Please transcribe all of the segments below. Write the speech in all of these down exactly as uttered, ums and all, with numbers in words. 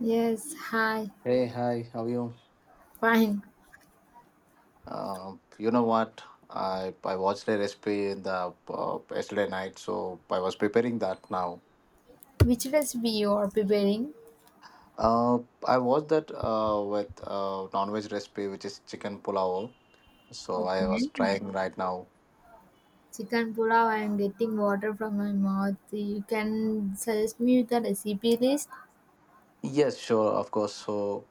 Yes, hi. Hey, hi, how are you? Fine. Um, you know what? I I watched a recipe in the uh, yesterday night, so I was preparing that now. Which recipe you are preparing? Uh, I watched that uh, with uh, non-veg recipe, which is chicken pulao. So I was Okay. trying right now. Chicken pulao. I am getting water from my mouth. You can suggest me with the recipe list. Yes, sure, of course. So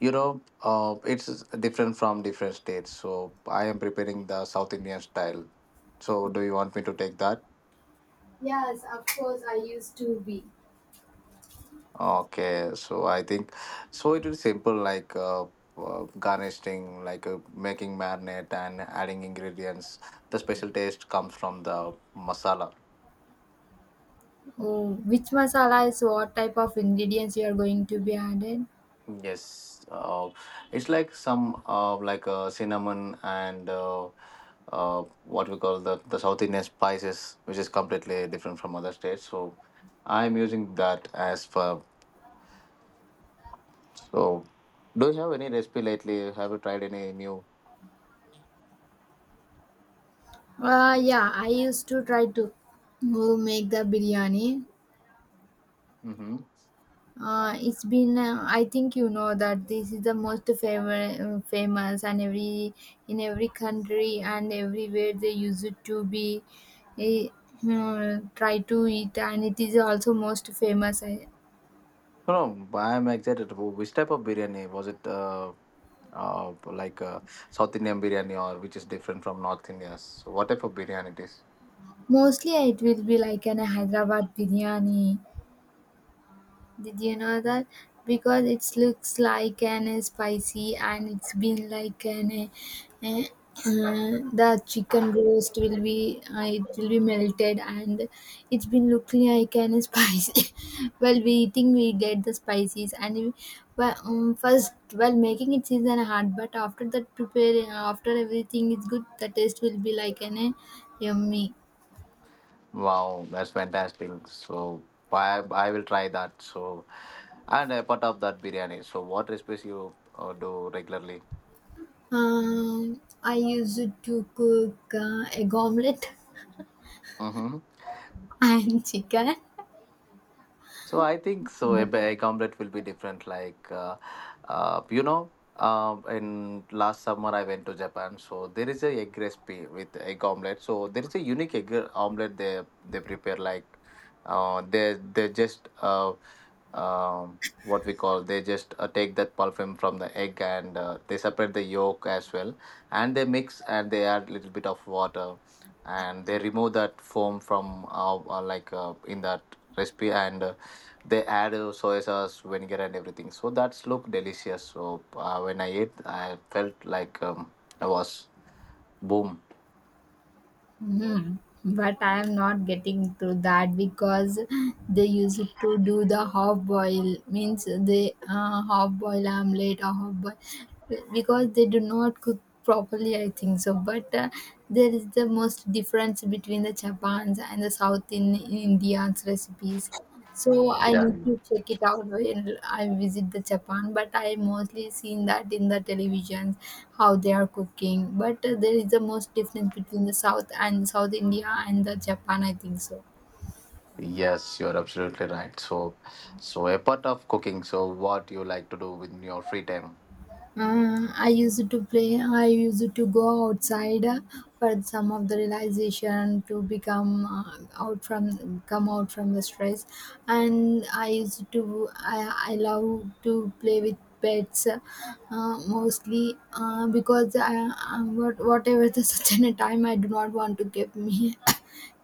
you know, uh, it's different from different states. So I am preparing the South Indian style. So do you want me to take that? Yes, of course, I used to be. Okay, so I think so. It is simple, like uh, uh, garnishing, like uh, making marinade and adding ingredients. The special taste comes from the masala. Oh, which masala is what type of ingredients you are going to be added? Yes, uh, it's like some uh, like uh, cinnamon and uh, uh, what we call the the South Indian spices, which is completely different from other states. So I'm using that as for. So, do you have any recipe lately? Have you tried any new? Uh, yeah, I used to try to uh, make the biryani. Mm-hmm. Uh, it's been uh, I think you know that this is the most fam- famous and every in every country and everywhere they use it to be eh, uh, try to eat and it is also most famous I, No, no, I'm excited. Wh- Which type of biryani was it? Uh, uh, like uh, South Indian biryani, or which is different from North India's? So what type of biryani it is? mostly it will be like an hyderabad biryani. Did you know that? Because it looks like an uh, spicy and it's been like an uh, uh, the chicken roast will be uh, it will be melted and it's been looking like an spicy. While we eating we get the spices and we, well, um, first while making it is an hard, but after that preparing after everything is good the taste will be like an uh, yummy. Wow, that's fantastic. So I I will try that. So and a part of that biryani. So what recipes you uh, do regularly? Um, I used to cook uh, egg omelette. Mm-hmm. I am chicken. So I think so. A But ba- goblet will be different. Like uh, uh, you know, uh, in last summer I went to Japan. So there is a egg recipe with egg omelette. So there is a unique egg omelette they they prepare. Like uh, they they just uh, um, what we call they just uh, take that pulping from the egg and uh, they separate the yolk as well and they mix and they add little bit of water and they remove that foam from uh, uh, like uh, in that recipe and uh, they add uh, soy sauce vinegar and everything, so that's look delicious. So uh, when I ate, I felt like um, I was boom. Mhm. But I am not getting to that because they used to do the half boil means they uh, half boil omelette or half boil because they do not cook properly, I think so. But uh, there is the most difference between the Japans and the South in, in Indians recipes. So I Yeah, need to check it out when I visit the Japan, but I mostly seen that in the televisions how they are cooking. But uh, there is the most difference between the South and South India and the Japan, I think so. yes, you're absolutely right. So so apart of cooking, so what you like to do with your free time? Uh, I used to play, I used to go outside uh, for some of the realization to become uh, out from come out from the stress, and I used to I, I love to play with pets uh, mostly uh, because I, I, what, whatever the such a time I do not want to give me.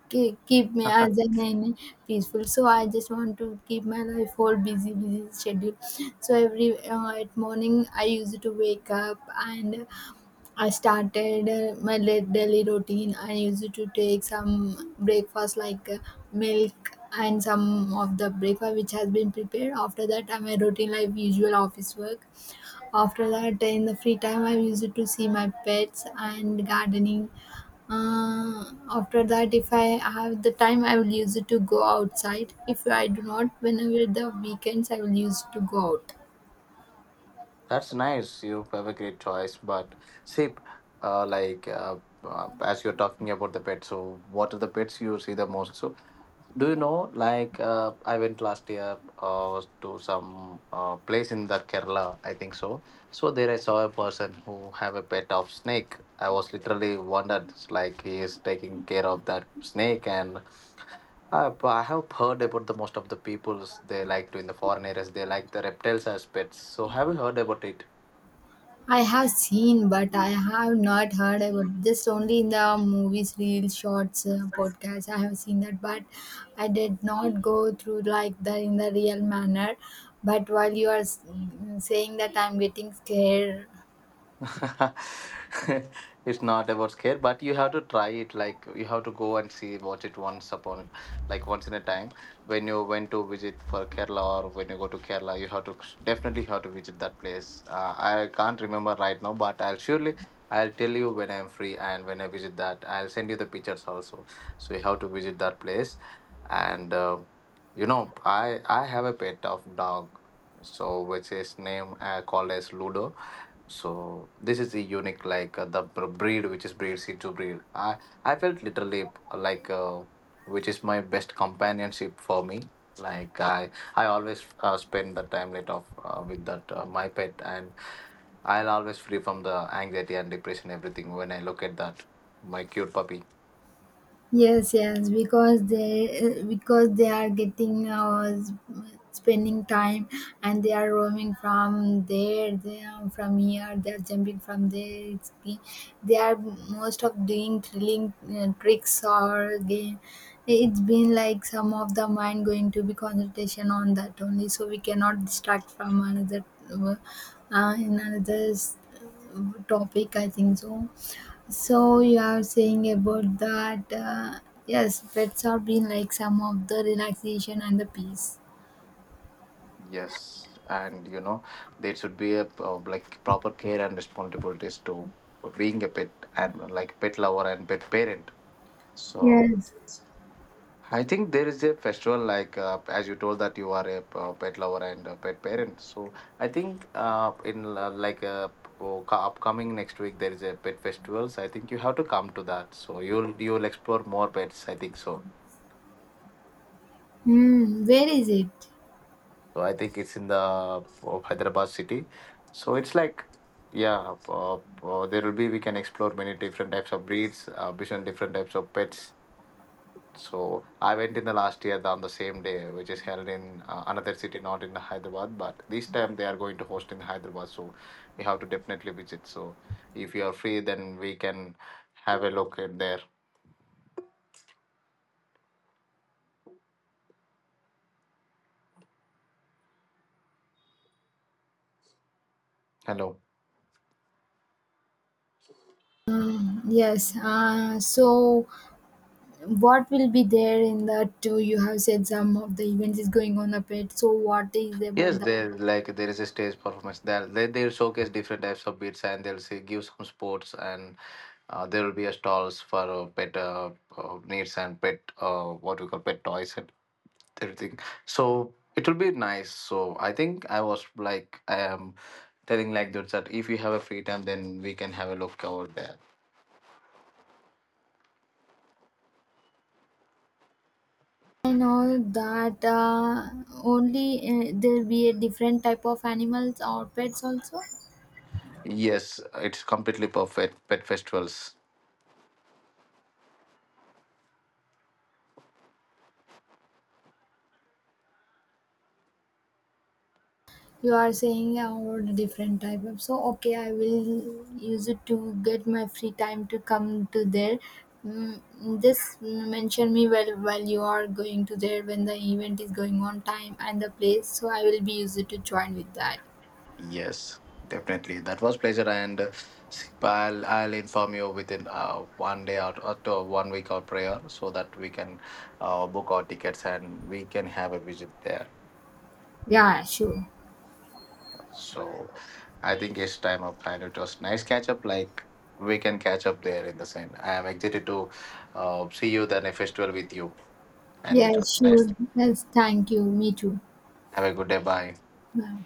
Keep keep me as an and peaceful. So I just want to keep my life whole busy busy schedule. So every uh, at morning I used to wake up, and I started uh, my la- daily routine. I used to take some breakfast like uh, milk and some of the breakfast which has been prepared. After that, uh, my routine life usual office work. After that, in the free time, I use it to see my pets and gardening. Uh, after that, if I have the time, I will use it to go outside. If I do not, whenever the weekends, I will use to go out. That's nice, you have a great choice. But see, uh, like uh, uh, as you're talking about the pets, so what are the pets you see the most? So, do you know? Like uh, I went last year uh, to some uh, place in the Kerala, I think so. So there I saw a person who have a pet of snake. I was literally wondered, it's like he is taking care of that snake. And I, I have heard about the most of the peoples they like to in the foreign areas. They like the reptiles as pets. So have you heard about it? I have seen, but I have not heard about just only in the movies, reels, shorts, uh, podcasts. I have seen that, but I did not go through like that in the real manner. But while you are s- saying that, I'm getting scared. It's not about scare, but you have to try it. Like you have to go and see, watch it once upon, like once in a time. When you went to visit for Kerala, or when you go to Kerala, you have to definitely have to visit that place. uh, I can't remember right now, but I'll surely I'll tell you when I'm free, and when I visit that, I'll send you the pictures also. So you have to visit that place. And uh, you know, i i have a pet of dog, so which is name uh, called as Ludo. So this is the unique, like uh, the br- breed which is breed seed to breed. I I felt literally uh, like uh, which is my best companionship for me. Like I I always uh, spend the time lit off uh, with that uh, my pet, and I'll always free from the anxiety and depression, everything, when I look at that my cute puppy. Yes, yes, because they uh, because they are getting uh, s- spending time, and they are roaming from there, they are from here, they are jumping from there. It's, they are most of doing thrilling uh, tricks or game. It's been like some of the mind going to be concentration on that only, so we cannot distract from another uh, in another s- topic, I think so. So you are saying about that? Uh, yes, pets are being like some of the relaxation and the peace. Yes, and you know there should be a uh, like proper care and responsibilities to being a pet and like pet lover and pet parent. So Yes. I think there is a festival, like uh, as you told that you are a p- uh, pet lover and a pet parent. So I think uh, in uh, like uh, oh, co- upcoming next week there is a pet festival. So I think you have to come to that. So you'll you'll explore more pets, I think so. Hmm, where is it? So I think it's in the uh, Hyderabad city. So it's like yeah, uh, uh, there will be we can explore many different types of breeds, uh, different different types of pets. So I went in the last year on the same day, which is held in uh, another city, not in Hyderabad. But this time they are going to host in Hyderabad, so you have to definitely visit. So if you are free, then we can have a look at there. Hello. Um, yes. Uh, so what will be there in that, too? You have said some of the events is going on a pet. So what is about Yes, that? there like there is a stage performance. There they they'll showcase different types of beats, and they'll say give some sports. And uh, there will be a stalls for uh, pet uh, uh, needs and pet uh, what we call pet toys and everything. So it will be nice. So I think I was like I am telling like that, that if you have a free time, then we can have a look over there. I know that uh, only uh, there be a different type of animals or pets also. Yes, it's completely perfect. Pet festivals. You are saying yeah, about a different type of so okay I will use it to get my free time to come to there. Mm, just mention me well while you are going to there when the event is going on time and the place, so I will be used to join with that. Yes, definitely. That was pleasure and. Uh, I'll, I'll inform you within uh, one day, or, or to one week or prior, so that we can uh, book our tickets and we can have a visit there. Yeah, sure. So I think it's time up, and it was nice catch up. Like we can catch up there in the same. I am excited to uh, see you the next festival with you, and it Yeah, was nice. sure. Yes, thank you. Me too. Have a good day. Bye. Bye.